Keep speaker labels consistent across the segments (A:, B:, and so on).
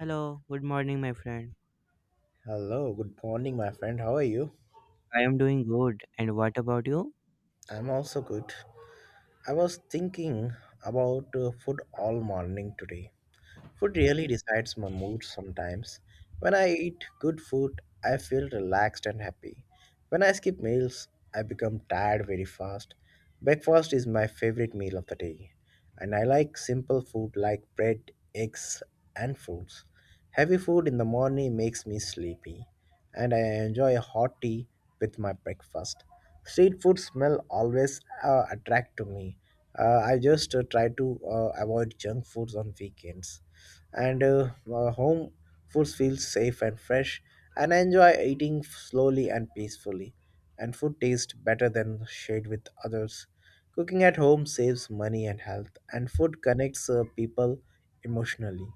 A: Hello, good morning, my friend.
B: Hello, good morning, my friend. How are you?
A: I am doing good. And what about you?
B: I'm also good. I was thinking about food all morning today. Food really decides my mood sometimes. When I eat good food, I feel relaxed and happy. When I skip meals, I become tired very fast. Breakfast is my favorite meal of the day, and I like simple food like bread, eggs, and fruits. Heavy food in the morning makes me sleepy, and I enjoy a hot tea with my breakfast. Street food smell always attract to me. I just try to avoid junk foods on weekends and home foods feel safe and fresh, and I enjoy eating slowly and peacefully, and food tastes better than shared with others. Cooking at home saves money and health, and food connects people emotionally.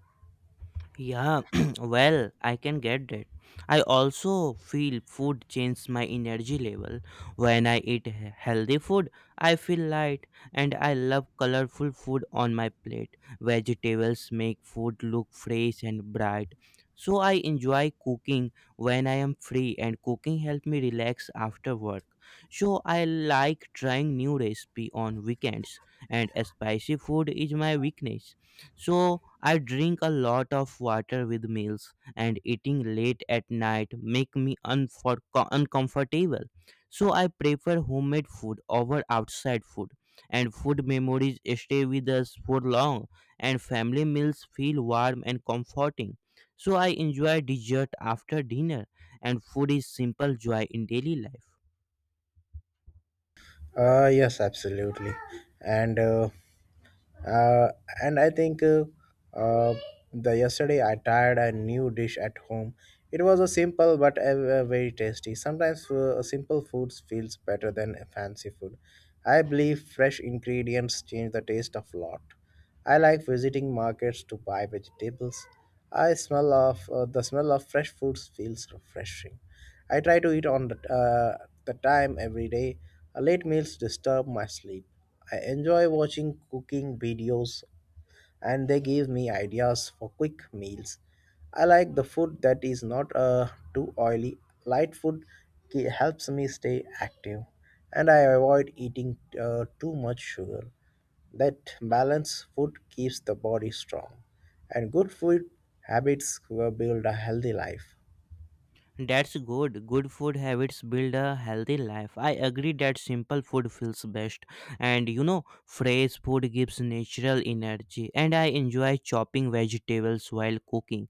A: Yeah, well, I can get that. I also feel food changes my energy level. When I eat healthy food, I feel light and I love colorful food on my plate. Vegetables make food look fresh and bright. So I enjoy cooking when I am free and cooking helps me relax after work. So I like trying new recipe on weekends and spicy food is my weakness. So I drink a lot of water with meals and eating late at night make me uncomfortable. So I prefer homemade food over outside food and food memories stay with us for long and family meals feel warm and comforting. So I enjoy dessert after dinner and food is simple joy in daily life.
B: Yes, absolutely. And uh, uh, and I think uh, the Yesterday I tried a new dish at home. It was a simple but a very tasty. Sometimes simple foods feels better than a fancy food. I believe fresh ingredients change the taste of lot. I like visiting markets to buy vegetables. I smell of the smell of fresh foods feels refreshing. I try to eat on the time every day. Late meals disturb my sleep. I enjoy watching cooking videos, and they give me ideas for quick meals. I like the food that is not too oily. Light food helps me stay active, and I avoid eating too much sugar. That balanced food keeps the body strong, and good food habits will build a healthy life.
A: That's good. Good food habits build a healthy life. I agree that simple food feels best. And fresh food gives natural energy. And I enjoy chopping vegetables while cooking.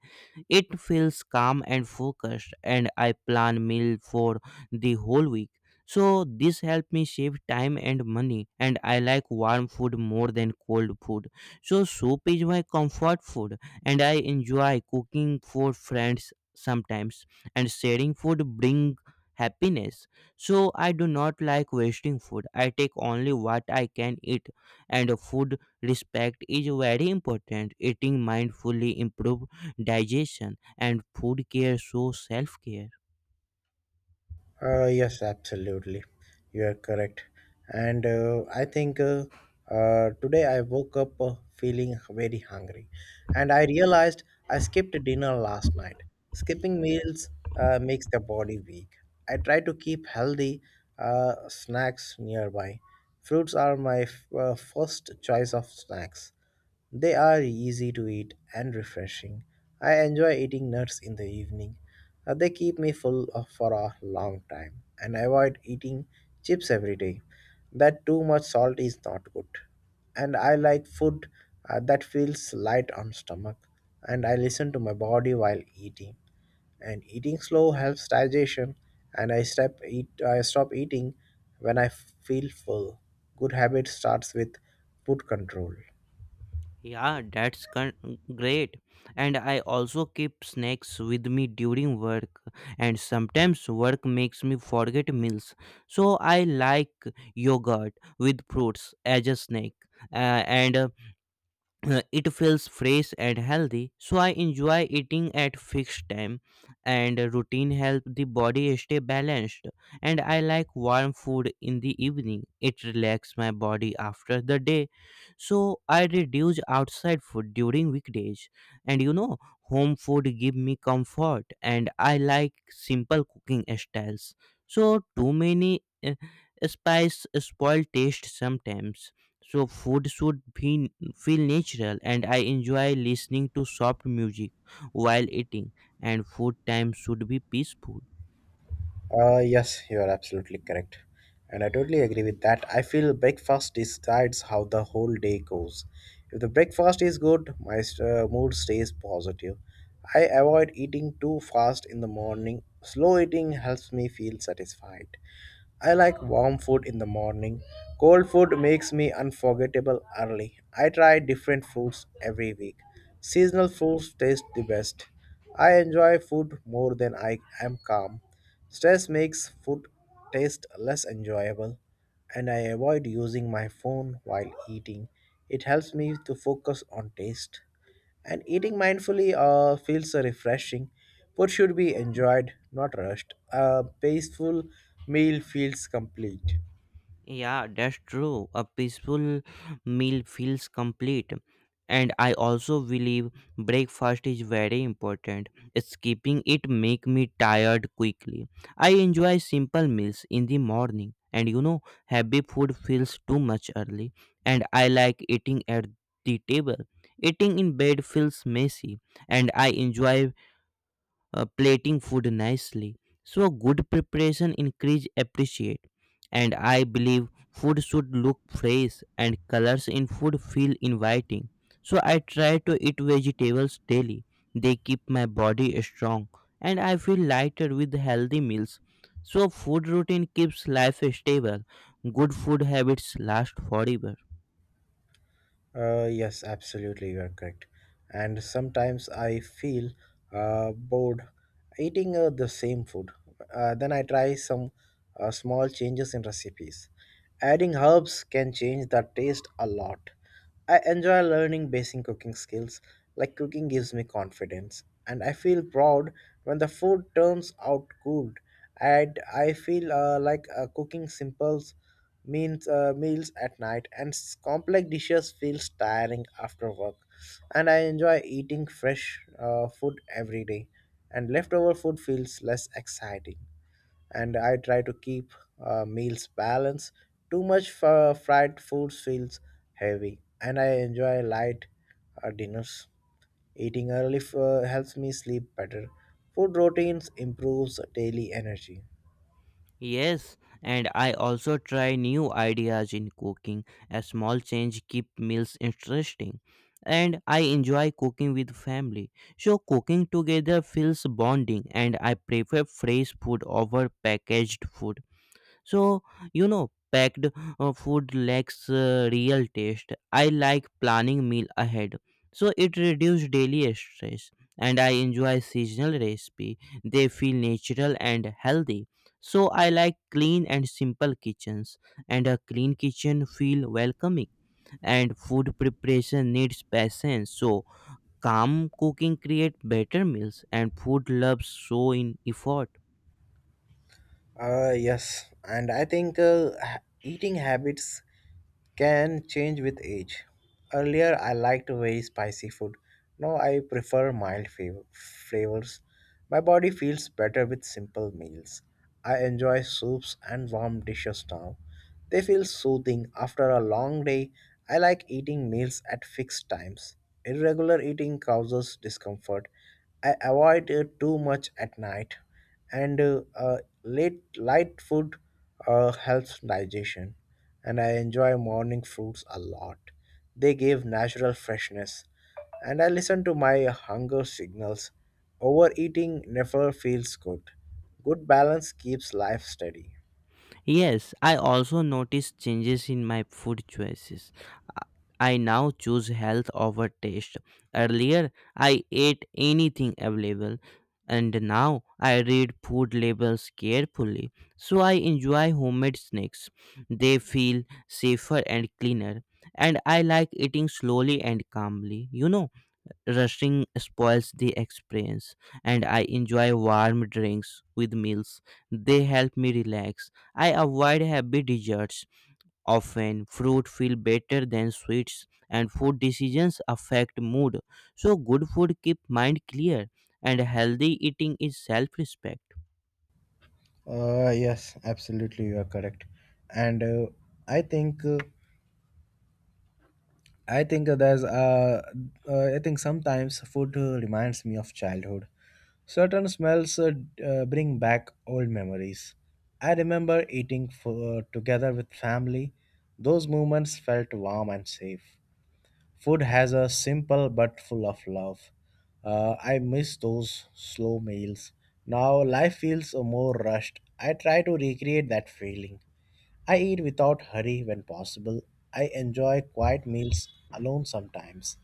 A: It feels calm and focused. And I plan meal for the whole week. So this helped me save time and money. And I like warm food more than cold food. So soup is my comfort food. And I enjoy cooking for friends sometimes and sharing food bring happiness. So I do not like wasting food. I take only what I can eat, and food respect is very important. Eating mindfully improve digestion and food care so self care.
B: Yes, absolutely. You are correct. And I think Today I woke up feeling very hungry. And I realized I skipped dinner last night. Skipping meals makes the body weak. I try to keep healthy snacks nearby. Fruits are my first choice of snacks. They are easy to eat and refreshing. I enjoy eating nuts in the evening. They keep me for a long time, and I avoid eating chips every day. That too much salt is not good. And I like food that feels light on stomach, and I listen to my body while eating. And eating slow helps digestion, and I stop eating when I feel full. Good habit starts with food control.
A: yeah that's con- Great. And I also keep snacks with me during work, and sometimes work makes me forget meals. So I like yogurt with fruits as a snack. And It feels fresh and healthy. So I enjoy eating at fixed time, and routine help the body stay balanced. And I like warm food in the evening. It relax my body after the day. So I reduce outside food during weekdays, and home food give me comfort. And I like simple cooking styles. So too many spice spoil taste sometimes. So food should be feel natural, and I enjoy listening to soft music while eating, and food time should be peaceful.
B: Yes, you are absolutely correct. And I totally agree with that. I feel breakfast decides how the whole day goes. If the breakfast is good, my mood stays positive. I avoid eating too fast in the morning. Slow eating helps me feel satisfied. I like warm food in the morning. Cold food makes me unforgettable early. I try different foods every week. Seasonal foods taste the best. I enjoy food more than I am calm. Stress makes food taste less enjoyable, and I avoid using my phone while eating. It helps me to focus on taste. And eating mindfully feels refreshing. Food should be enjoyed, not rushed. A peaceful meal feels complete.
A: Yeah, that's true. A peaceful meal feels complete. And I also believe breakfast is very important. Skipping it make me tired quickly. I enjoy simple meals in the morning. And heavy food feels too much early. And I like eating at the table. Eating in bed feels messy. And I enjoy plating food nicely. So good preparation increase appreciate. And I believe food should look fresh and colors in food feel inviting. So I try to eat vegetables daily. They keep my body strong and I feel lighter with healthy meals. So food routine keeps life stable. Good food habits last forever.
B: Yes, absolutely, you are correct. And sometimes I feel bored eating the same food. Then I try some small changes in recipes. Adding herbs can change the taste a lot. I enjoy learning basic cooking skills, like cooking gives me confidence, and I feel proud when the food turns out good. And I feel like cooking simples means meals at night, and complex dishes feels tiring after work, and I enjoy eating fresh food every day, and leftover food feels less exciting, and I try to keep meals balanced. Too much fried foods feels heavy, and I enjoy light dinners. Eating early helps me sleep better. Food routines improves daily energy.
A: Yes, and I also try new ideas in cooking. A small change keep meals interesting. And I enjoy cooking with family. So cooking together feels bonding and I prefer fresh food over packaged food. So, packed food lacks real taste. I like planning meal ahead. So it reduces daily stress and I enjoy seasonal recipe. They feel natural and healthy. So I like clean and simple kitchens and a clean kitchen feel welcoming and food preparation needs patience. So calm cooking create better meals and food loves show in effort.
B: Yes, and I think eating habits can change with age. Earlier, I liked very spicy food. Now, I prefer mild flavors. My body feels better with simple meals. I enjoy soups and warm dishes now. They feel soothing after a long day. I like eating meals at fixed times. Irregular eating causes discomfort. I avoid it too much at night, and late light food helps digestion, and I enjoy morning fruits a lot. They give natural freshness, and I listen to my hunger signals. Overeating never feels good. Good balance keeps life steady.
A: Yes, I also noticed changes in my food choices. I I now choose health over taste. Earlier, I ate anything available, and now I read food labels carefully. So I enjoy homemade snacks. They feel safer and cleaner, and I like eating slowly and calmly. Rushing spoils the experience, and I enjoy warm drinks with meals. They help me relax. I avoid heavy desserts. Often fruit feel better than sweets, and food decisions affect mood. So good food keep mind clear, and healthy eating is self respect.
B: Yes, absolutely, you are correct. And I think I think there's I think sometimes food reminds me of childhood. Certain smells bring back old memories. I remember eating together with family. Those moments felt warm and safe. Food has a simple but full of love. I miss those slow meals. Now life feels more rushed. I try to recreate that feeling. I eat without hurry when possible. I enjoy quiet meals alone sometimes.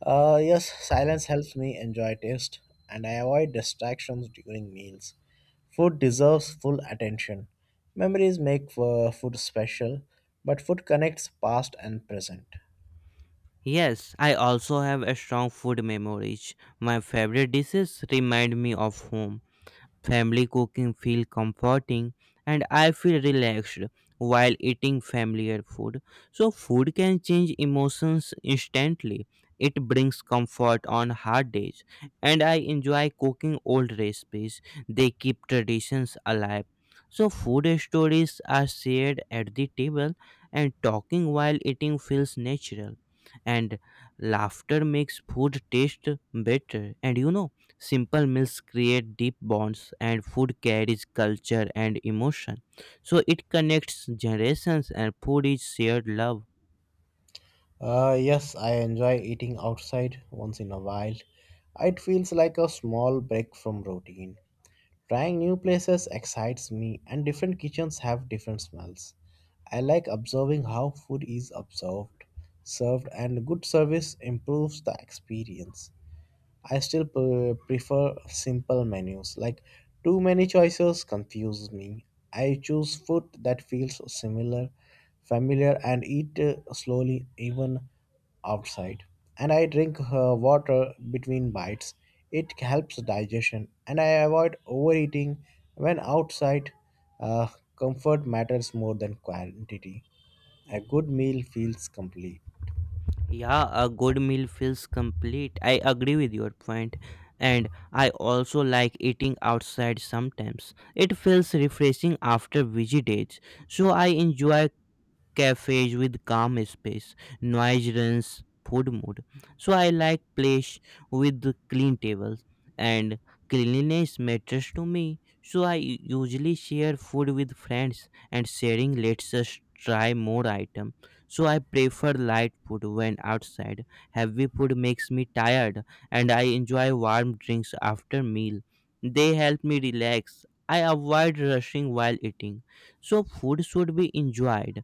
B: Yes, silence helps me enjoy taste, and I avoid distractions during meals. Food deserves full attention. Memories make food special, but food connects past and present.
A: Yes, I also have a strong food memories. My favorite dishes remind me of home. Family cooking feel comforting and I feel relaxed while eating familiar food. So food can change emotions instantly. It brings comfort on hard days and I enjoy cooking old recipes. They keep traditions alive. So food stories are shared at the table and talking while eating feels natural and laughter makes food taste better. And you know Simple meals create deep bonds, and food carries culture and emotion. So it connects generations, and food is shared love.
B: Yes, I enjoy eating outside once in a while. It feels like a small break from routine. Trying new places excites me, and different kitchens have different smells. I like observing how food is observed, served, and good service improves the experience. I still prefer simple menus. Like too many choices confuse me. I choose food that feels similar, familiar, and eat slowly even outside. And I drink water between bites. It helps digestion, and I avoid overeating when outside. Uh, Comfort matters more than quantity. A good meal feels complete.
A: Yeah, a good meal feels complete. I agree with your point. And I also like eating outside sometimes. It feels refreshing after busy days. So I enjoy cafes with calm space, noise runs food mood. So I like place with the clean tables and cleanliness matters to me. So I usually share food with friends and sharing lets us try more item. So I prefer light food when outside. Heavy food makes me tired and I enjoy warm drinks after meal. They help me relax. I avoid rushing while eating. So food should be enjoyed.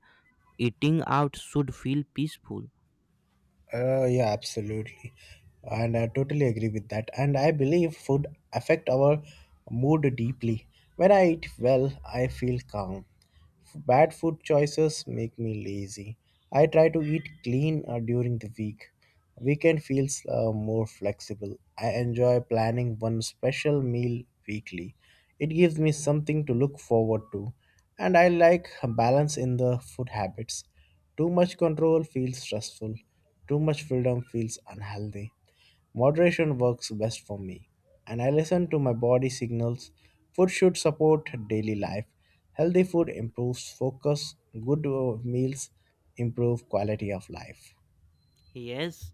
A: Eating out should feel peaceful.
B: Yeah, absolutely, and I totally agree with that. And I believe food affect our mood deeply. When I eat well, I feel calm. Bad food choices make me lazy. I try to eat clean during the week. Weekend feels more flexible. I enjoy planning one special meal weekly. It gives me something to look forward to, and I like balance in the food habits. Too much control feels stressful. Too much freedom feels unhealthy. Moderation works best for me, and I listen to my body signals. Food should support daily life. Healthy food improves focus, good meals improve quality of life.
A: Yes,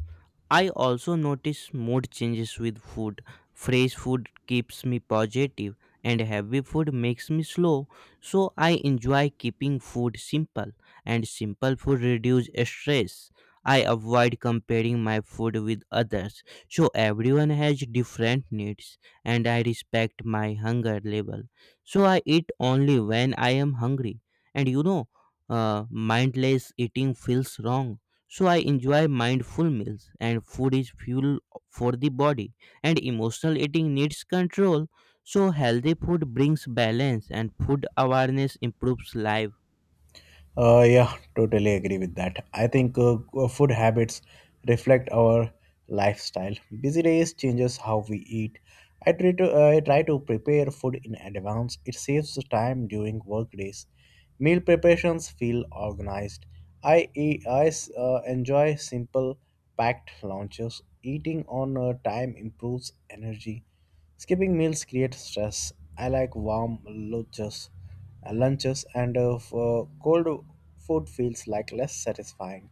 A: I also notice mood changes with food. Fresh food keeps me positive and heavy food makes me slow. So I enjoy keeping food simple and simple food reduce stress. I avoid comparing my food with others. So everyone has different needs and I respect my hunger level. So I eat only when I am hungry. And mindless eating feels wrong, so I enjoy mindful meals and food is fuel for the body and emotional eating needs control. So healthy food brings balance and food awareness improves life.
B: Yeah, totally agree with that. I think food habits reflect our lifestyle. Busy days changes how we eat. I try to prepare food in advance. It saves time during work days. Meal preparations feel organized. I e- I s- enjoy simple packed lunches. Eating on time improves energy. Skipping meals creates stress. I like warm lunches lunches, and for cold food feels like less satisfying.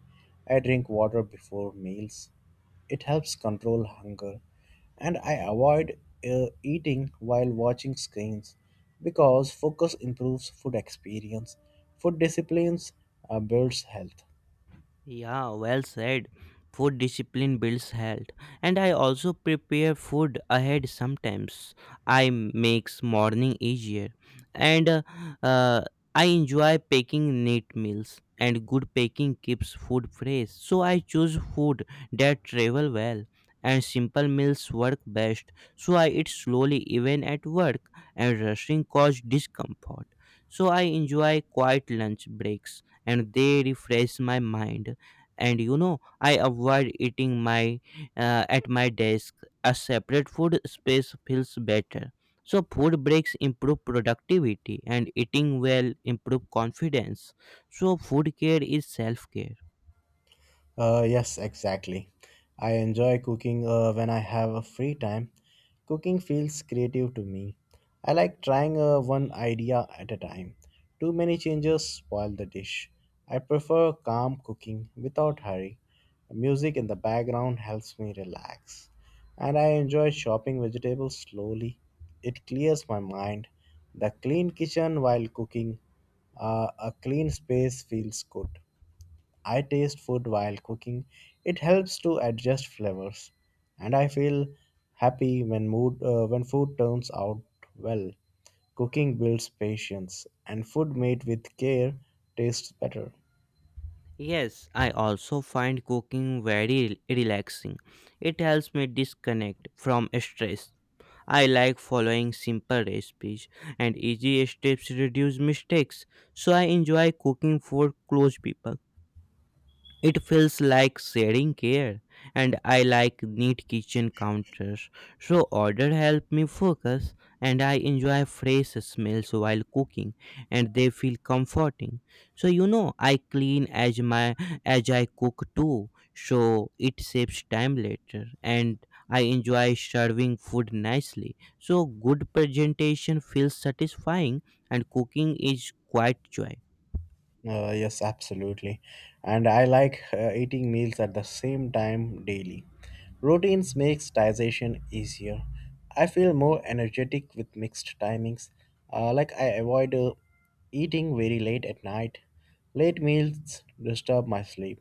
B: I drink water before meals. It helps control hunger, and I avoid eating while watching screens because focus improves food experience. Food disciplines builds health.
A: Yeah, well said. Food discipline builds health, and I also prepare food ahead sometimes. I makes morning easier, and uh, I enjoy packing neat meals. And good packing keeps food fresh, so I choose food that travel well. And simple meals work best, so I eat slowly even at work. And rushing cause discomfort, so I enjoy quiet lunch breaks, and they refresh my mind. And I avoid eating my at my desk. A separate food space feels better, so food breaks improve productivity and eating well improve confidence, so food care is self care.
B: Yes, exactly. I enjoy cooking when I have a free time. Cooking feels creative to me. I like trying one idea at a time. Too many changes spoil the dish. I prefer calm cooking without hurry. Music in the background helps me relax. And I enjoy chopping vegetables slowly. It clears my mind. The clean kitchen while cooking, a clean space feels good. I taste food while cooking, it helps to adjust flavors, and I feel happy when mood when food turns out well. Cooking builds patience, and food made with care tastes better.
A: Yes, I also find cooking very relaxing. It helps me disconnect from stress. I like following simple recipes, and easy steps reduce mistakes. So I enjoy cooking for close people. It feels like sharing care, and I like neat kitchen counters. So order help me focus, and I enjoy fresh smells while cooking, and they feel comforting. So I clean as I cook too, so it saves time later, and I enjoy serving food nicely. So good presentation feels satisfying, and cooking is quite joy.
B: Yes, absolutely. And I like eating meals at the same time daily. Routines makes digestion easier. I feel more energetic with mixed timings. Like I avoid eating very late at night. Late meals disturb my sleep.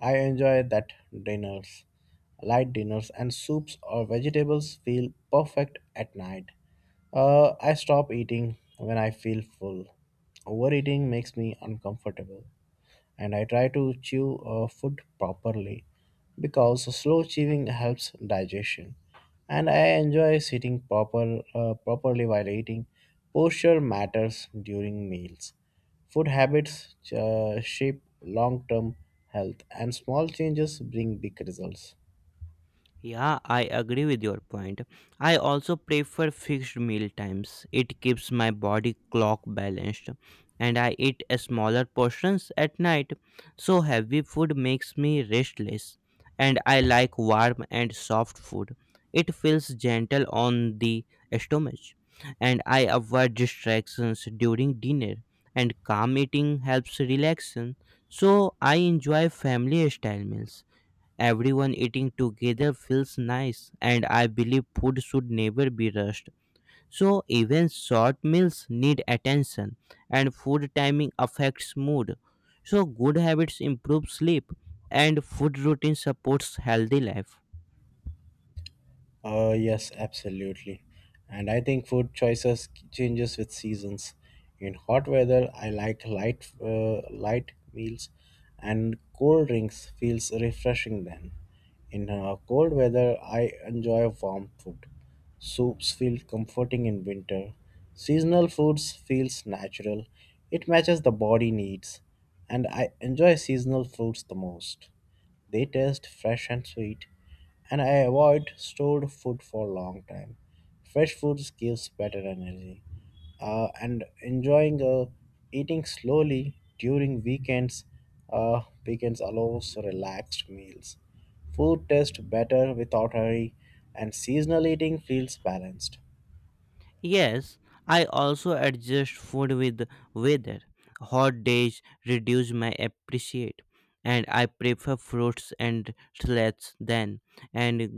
B: I enjoy that dinners, light dinners and soups or vegetables feel perfect at night. I stop eating when I feel full. Overeating makes me uncomfortable, and I try to chew food properly because slow chewing helps digestion. And I enjoy sitting properly while eating. Posture matters during meals. Food habits shape long-term health, and small changes bring big results.
A: Yeah, I agree with your point. I also prefer fixed meal times. It keeps my body clock balanced and I eat a smaller portions at night. So heavy food makes me restless and I like warm and soft food. It feels gentle on the stomach and I avoid distractions during dinner and calm eating helps relaxation. So I enjoy family style meals. Everyone eating together feels nice, and I believe food should never be rushed. So, even short meals need attention, and food timing affects mood. So, good habits improve sleep, and food routine supports healthy life.
B: Yes, absolutely. And I think food choices changes with seasons. In hot weather, I like light meals, and cold drinks feels refreshing then. In cold weather, I enjoy warm food. Soups feel comforting in winter. Seasonal foods feels natural. It matches the body needs, and I enjoy seasonal foods the most. They taste fresh and sweet, and I avoid stored food for a long time. Fresh foods gives better energy, and enjoying eating slowly during weekends allows relaxed meals. Food tastes better without hurry, and seasonal eating feels balanced.
A: Yes, I also adjust food with weather. Hot days reduce my appetite, and I prefer fruits and salads then. And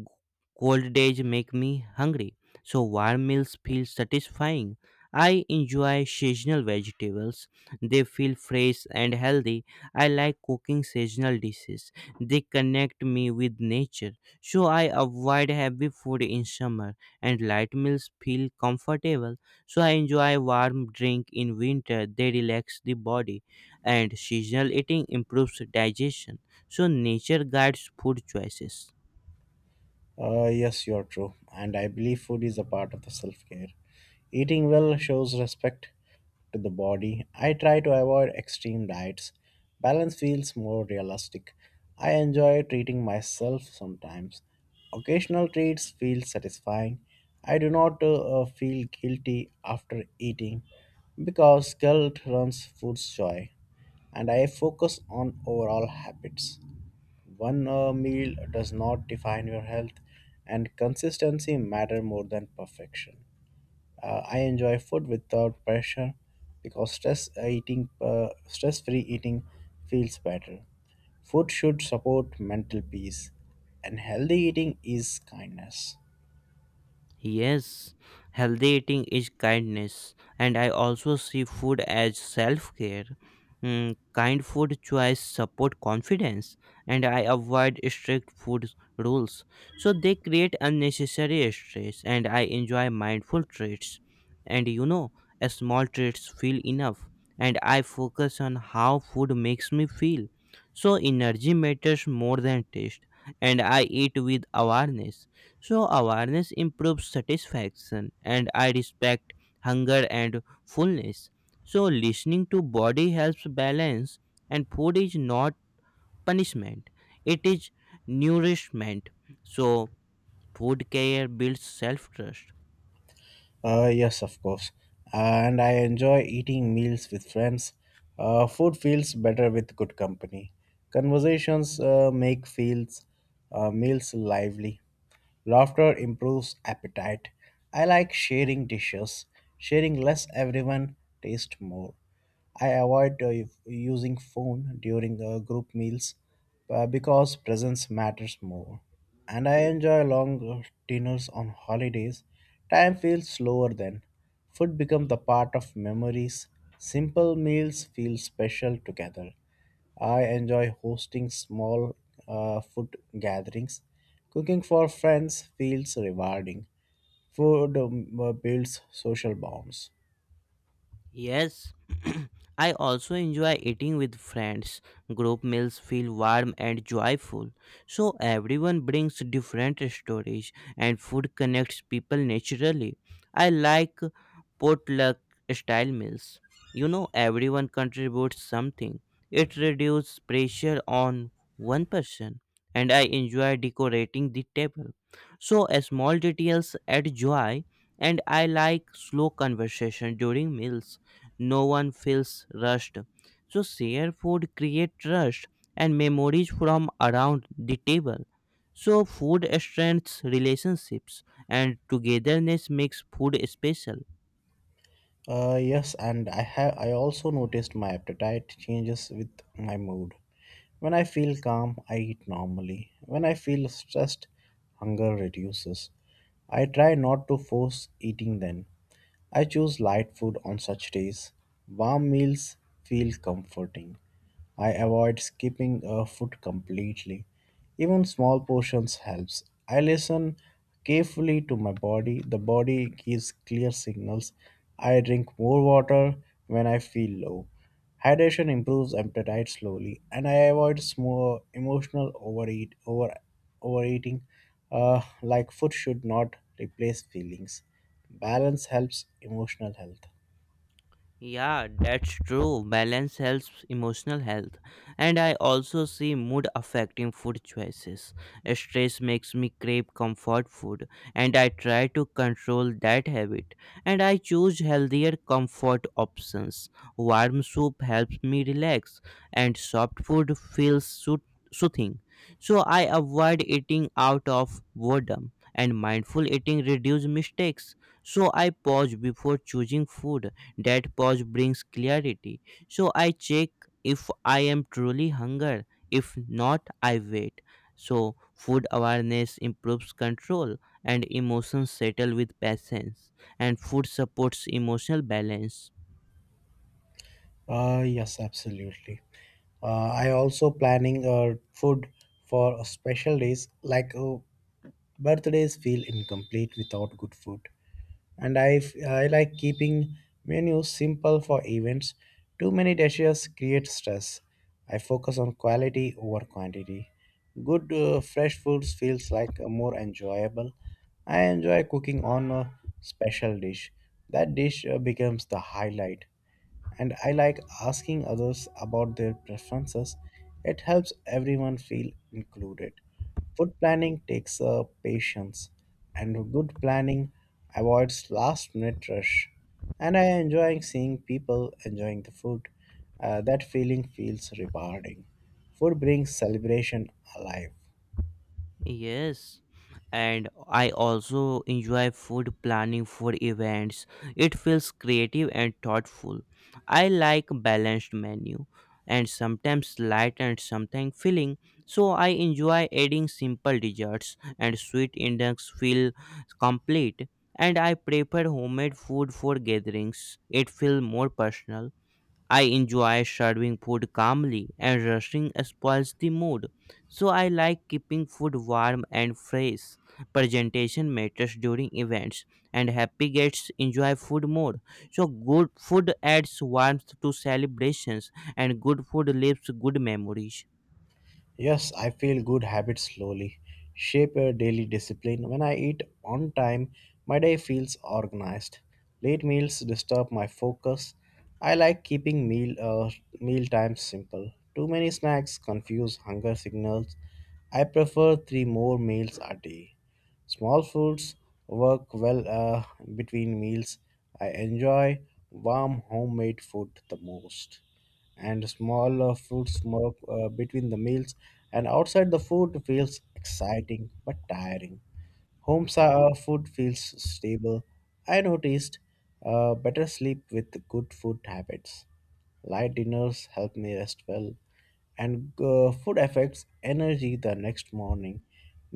A: cold days make me hungry, so warm meals feel satisfying. I enjoy seasonal vegetables. They feel fresh and healthy. I like cooking seasonal dishes. They connect me with nature, so I avoid heavy food in summer and light meals feel comfortable. So I enjoy warm drink in winter. They relax the body and seasonal eating improves digestion. So nature guides food choices.
B: Yes, you are true. And I believe food is a part of the self care. Eating well shows respect to the body. I try to avoid extreme diets. Balance feels more realistic. I enjoy treating myself sometimes. Occasional treats feel satisfying. I do not feel guilty after eating because guilt runs food's joy, and I focus on overall habits. One meal does not define your health, and consistency matter more than perfection. I enjoy food without pressure because stress-free eating feels better. Food should support mental peace, and healthy eating is kindness.
A: Yes, healthy eating is kindness, and I also see food as self care. Kind food choice support confidence, and I avoid strict food rules, so they create unnecessary stress. And I enjoy mindful treats, and a small treats feel enough, and I focus on how food makes me feel. So energy matters more than taste, and I eat with awareness so awareness improves satisfaction and I respect hunger and fullness. So listening to body helps balance and food is not punishment. It is nourishment. So food care builds self trust.
B: Yes, of course. Uh, and I enjoy eating meals with friends. Food feels better with good company. Conversations make feels meals lively. Laughter improves appetite. I like sharing dishes. Sharing less, everyone taste more. I avoid using phone during group meals because presence matters more. And I enjoy long dinners on holidays. Time feels slower then. Food becomes the part of memories. Simple meals feel special together. I enjoy hosting small food gatherings. Cooking for friends feels rewarding. Food builds social bonds.
A: Yes, I also enjoy eating with friends. Group meals feel warm and joyful. So everyone brings different stories and food connects people naturally. I like potluck style meals. Everyone contributes something. It reduces pressure on one person and I enjoy decorating the table. So small details add joy and I like slow conversation during meals. No one feels rushed. So share food create trust and memories from around the table. So food strengthens relationships and togetherness makes food special.
B: Yes, and I also noticed my appetite changes with my mood. When I feel calm, I eat normally. When I feel stressed, hunger reduces. I try not to force eating then. I choose light food on such days. Warm meals feel comforting. I avoid skipping a food completely. Even small portions helps. I listen carefully to my body. The body gives clear signals. I drink more water when I feel low. Hydration improves appetite slowly, and I avoid small emotional overeating. Like food should not replace feelings. Balance helps emotional health.
A: Yeah, that's true. Balance helps emotional health. And I also see mood affecting food choices. Stress makes me crave comfort food, and I try to control that habit. And I choose healthier comfort options. Warm soup helps me relax, and soft food feels soothing. So I avoid eating out of boredom, and mindful eating reduces mistakes. So I pause before choosing food, that pause brings clarity. So I check if I am truly hunger. If not, I wait. So food awareness improves control, and emotions settle with patience, and food supports emotional balance.
B: Yes, absolutely. I also planning food for a special days like birthdays feel incomplete without good food. And I like keeping menus simple for events. Too many dishes create stress. I focus on quality over quantity. Good fresh foods feels like more enjoyable. I enjoy cooking on a special dish. That dish becomes the highlight, and I like asking others about their preferences. It helps everyone feel included. Food planning takes patience, and good planning avoids last minute rush. And I enjoy seeing people enjoying the food. That feeling feels rewarding. Food brings celebration alive.
A: Yes, and I also enjoy food planning for events. It feels creative and thoughtful. I like balanced menu, and sometimes light and sometimes filling. So I enjoy adding simple desserts and sweet index feel complete. And I prefer homemade food for gatherings. It feels more personal. I enjoy serving food calmly, and rushing spoils the mood. So I like keeping food warm and fresh. Presentation matters during events, and happy guests enjoy food more. So good food adds warmth to celebrations, and good food leaves good memories.
B: Yes, I feel good habits slowly shape a daily discipline. When I eat on time, my day feels organized. Late meals disturb my focus. I like keeping meal times simple. Too many snacks confuse hunger signals. I prefer three more meals a day. Small foods work well between meals. I enjoy warm homemade food the most, and small fruit smoke between the meals, and outside the food feels exciting but tiring, food feels stable. I noticed better sleep with good food habits. Light dinners help me rest well, and food affects energy the next morning.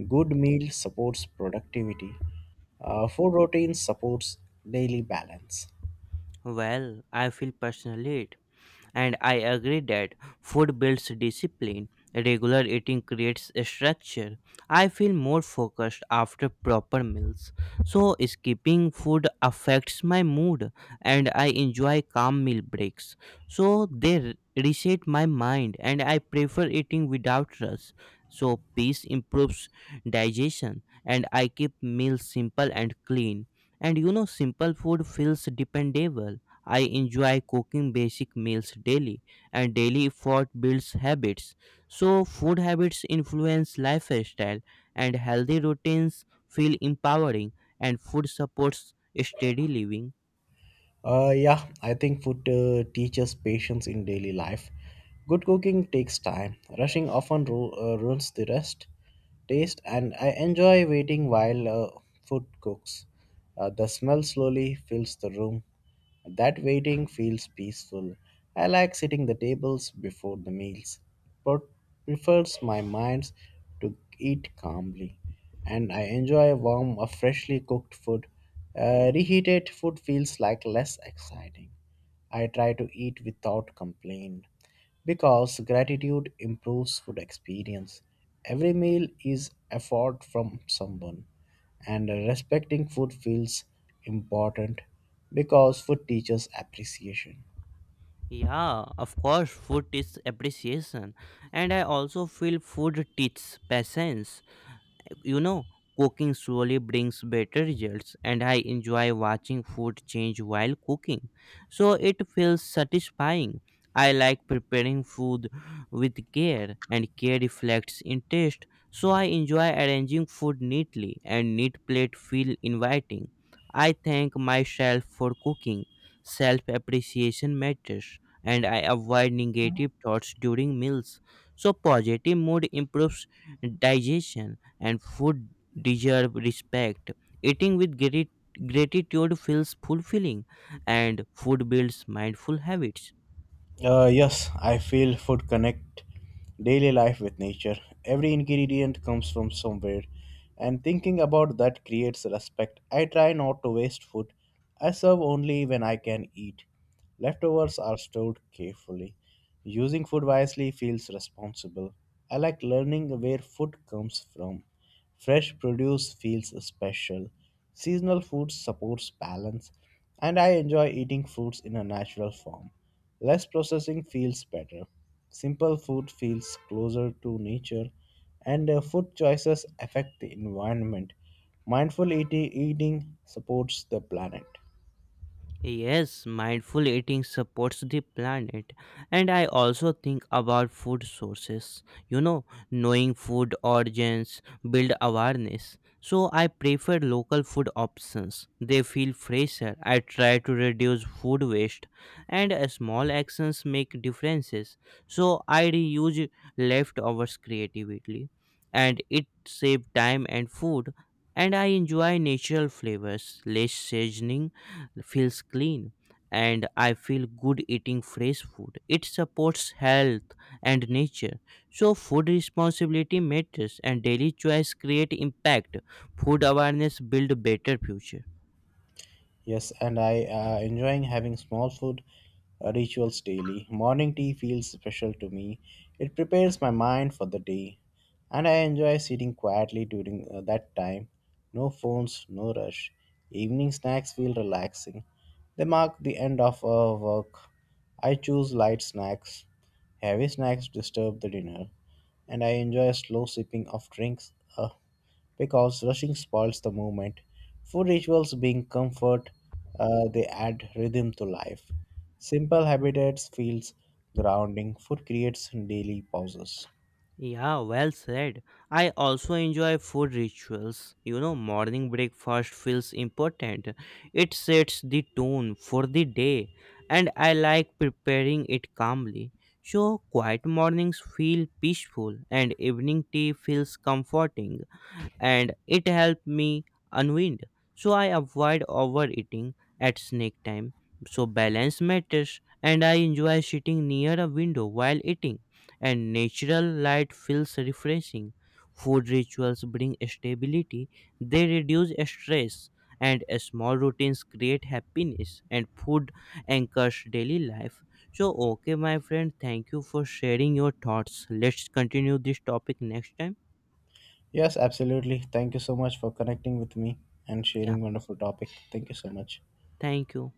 B: Good meal supports productivity. Food routine supports daily balance.
A: Well, I feel personally it, and I agree that food builds discipline. Regular eating creates a structure. I feel more focused after proper meals. So skipping food affects my mood, and I enjoy calm meal breaks. So they reset my mind, and I prefer eating without rush. So peace improves digestion, and I keep meals simple and clean. And you know simple food feels dependable. I enjoy cooking basic meals daily, and daily effort builds habits. So, food habits influence lifestyle, and healthy routines feel empowering, and food supports steady living.
B: Yeah, I think food teaches patience in daily life. Good cooking takes time. Rushing often ruins the rest, taste, and I enjoy waiting while food cooks. The smell slowly fills the room. That waiting feels peaceful. I like sitting the tables before the meals, but prefers my mind to eat calmly. And I enjoy warm, freshly cooked food. Reheated food feels like less exciting. I try to eat without complaint because gratitude improves food experience. Every meal is effort from someone, and respecting food feels important because food teaches appreciation.
A: Yeah, of course, food is appreciation, and I also feel food teaches patience. You know, cooking slowly brings better results, and I enjoy watching food change while cooking, so it feels satisfying. I like preparing food with care, and care reflects in taste. So I enjoy arranging food neatly, and neat plate feel inviting. I thank myself for cooking. Self appreciation matters, and I avoid negative thoughts during meals. So positive mood improves digestion, and food deserve respect. Eating with gratitude feels fulfilling, and food builds mindful habits.
B: Yes, I feel food connect daily life with nature. Every ingredient comes from somewhere, and thinking about that creates respect. I try not to waste food. I serve only when I can eat. Leftovers are stored carefully. Using food wisely feels responsible. I like learning where food comes from. Fresh produce feels special. Seasonal food supports balance, and I enjoy eating fruits in a natural form. Less processing feels better. Simple food feels closer to nature, and food choices affect the environment. Eating supports the planet.
A: Yes, mindful eating supports the planet. And I also think about food sources. You know, knowing food origins build awareness. So I prefer local food options. They feel fresher. I try to reduce food waste, and small actions make differences. So I reuse leftovers creatively, and it save time and food, and I enjoy natural flavors, less seasoning feels clean, and I feel good eating fresh food. It supports health and nature. So food responsibility matters, and daily choice create impact. Food awareness build better future.
B: Yes, and I enjoying having small food rituals daily. Morning tea feels special to me. It prepares my mind for the day, and I enjoy sitting quietly during that time. No phones, no rush. Evening snacks feel relaxing. They mark the end of a work. I choose light snacks. Heavy snacks disturb the dinner, and I enjoy slow sipping of drinks, because rushing spoils the movement. Food rituals being comfort, they add rhythm to life. Simple habitats feels grounding. Food creates daily pauses.
A: Yeah, well said. I also enjoy food rituals. You know, morning breakfast feels important. It sets the tone for the day, and I like preparing it calmly. So, quiet mornings feel peaceful, and evening tea feels comforting, and it helped me unwind. So I avoid overeating at snack time. So balance matters, and I enjoy sitting near a window while eating, and natural light feels refreshing. Food rituals bring stability, they reduce stress, and small routines create happiness, and food anchors daily life. So, okay, my friend, thank you for sharing your thoughts. Let's continue this topic next time.
B: Yes, absolutely. Thank you so much for connecting with me and
A: Yeah,
B: sharing wonderful topic. Thank you so much.
A: thank you.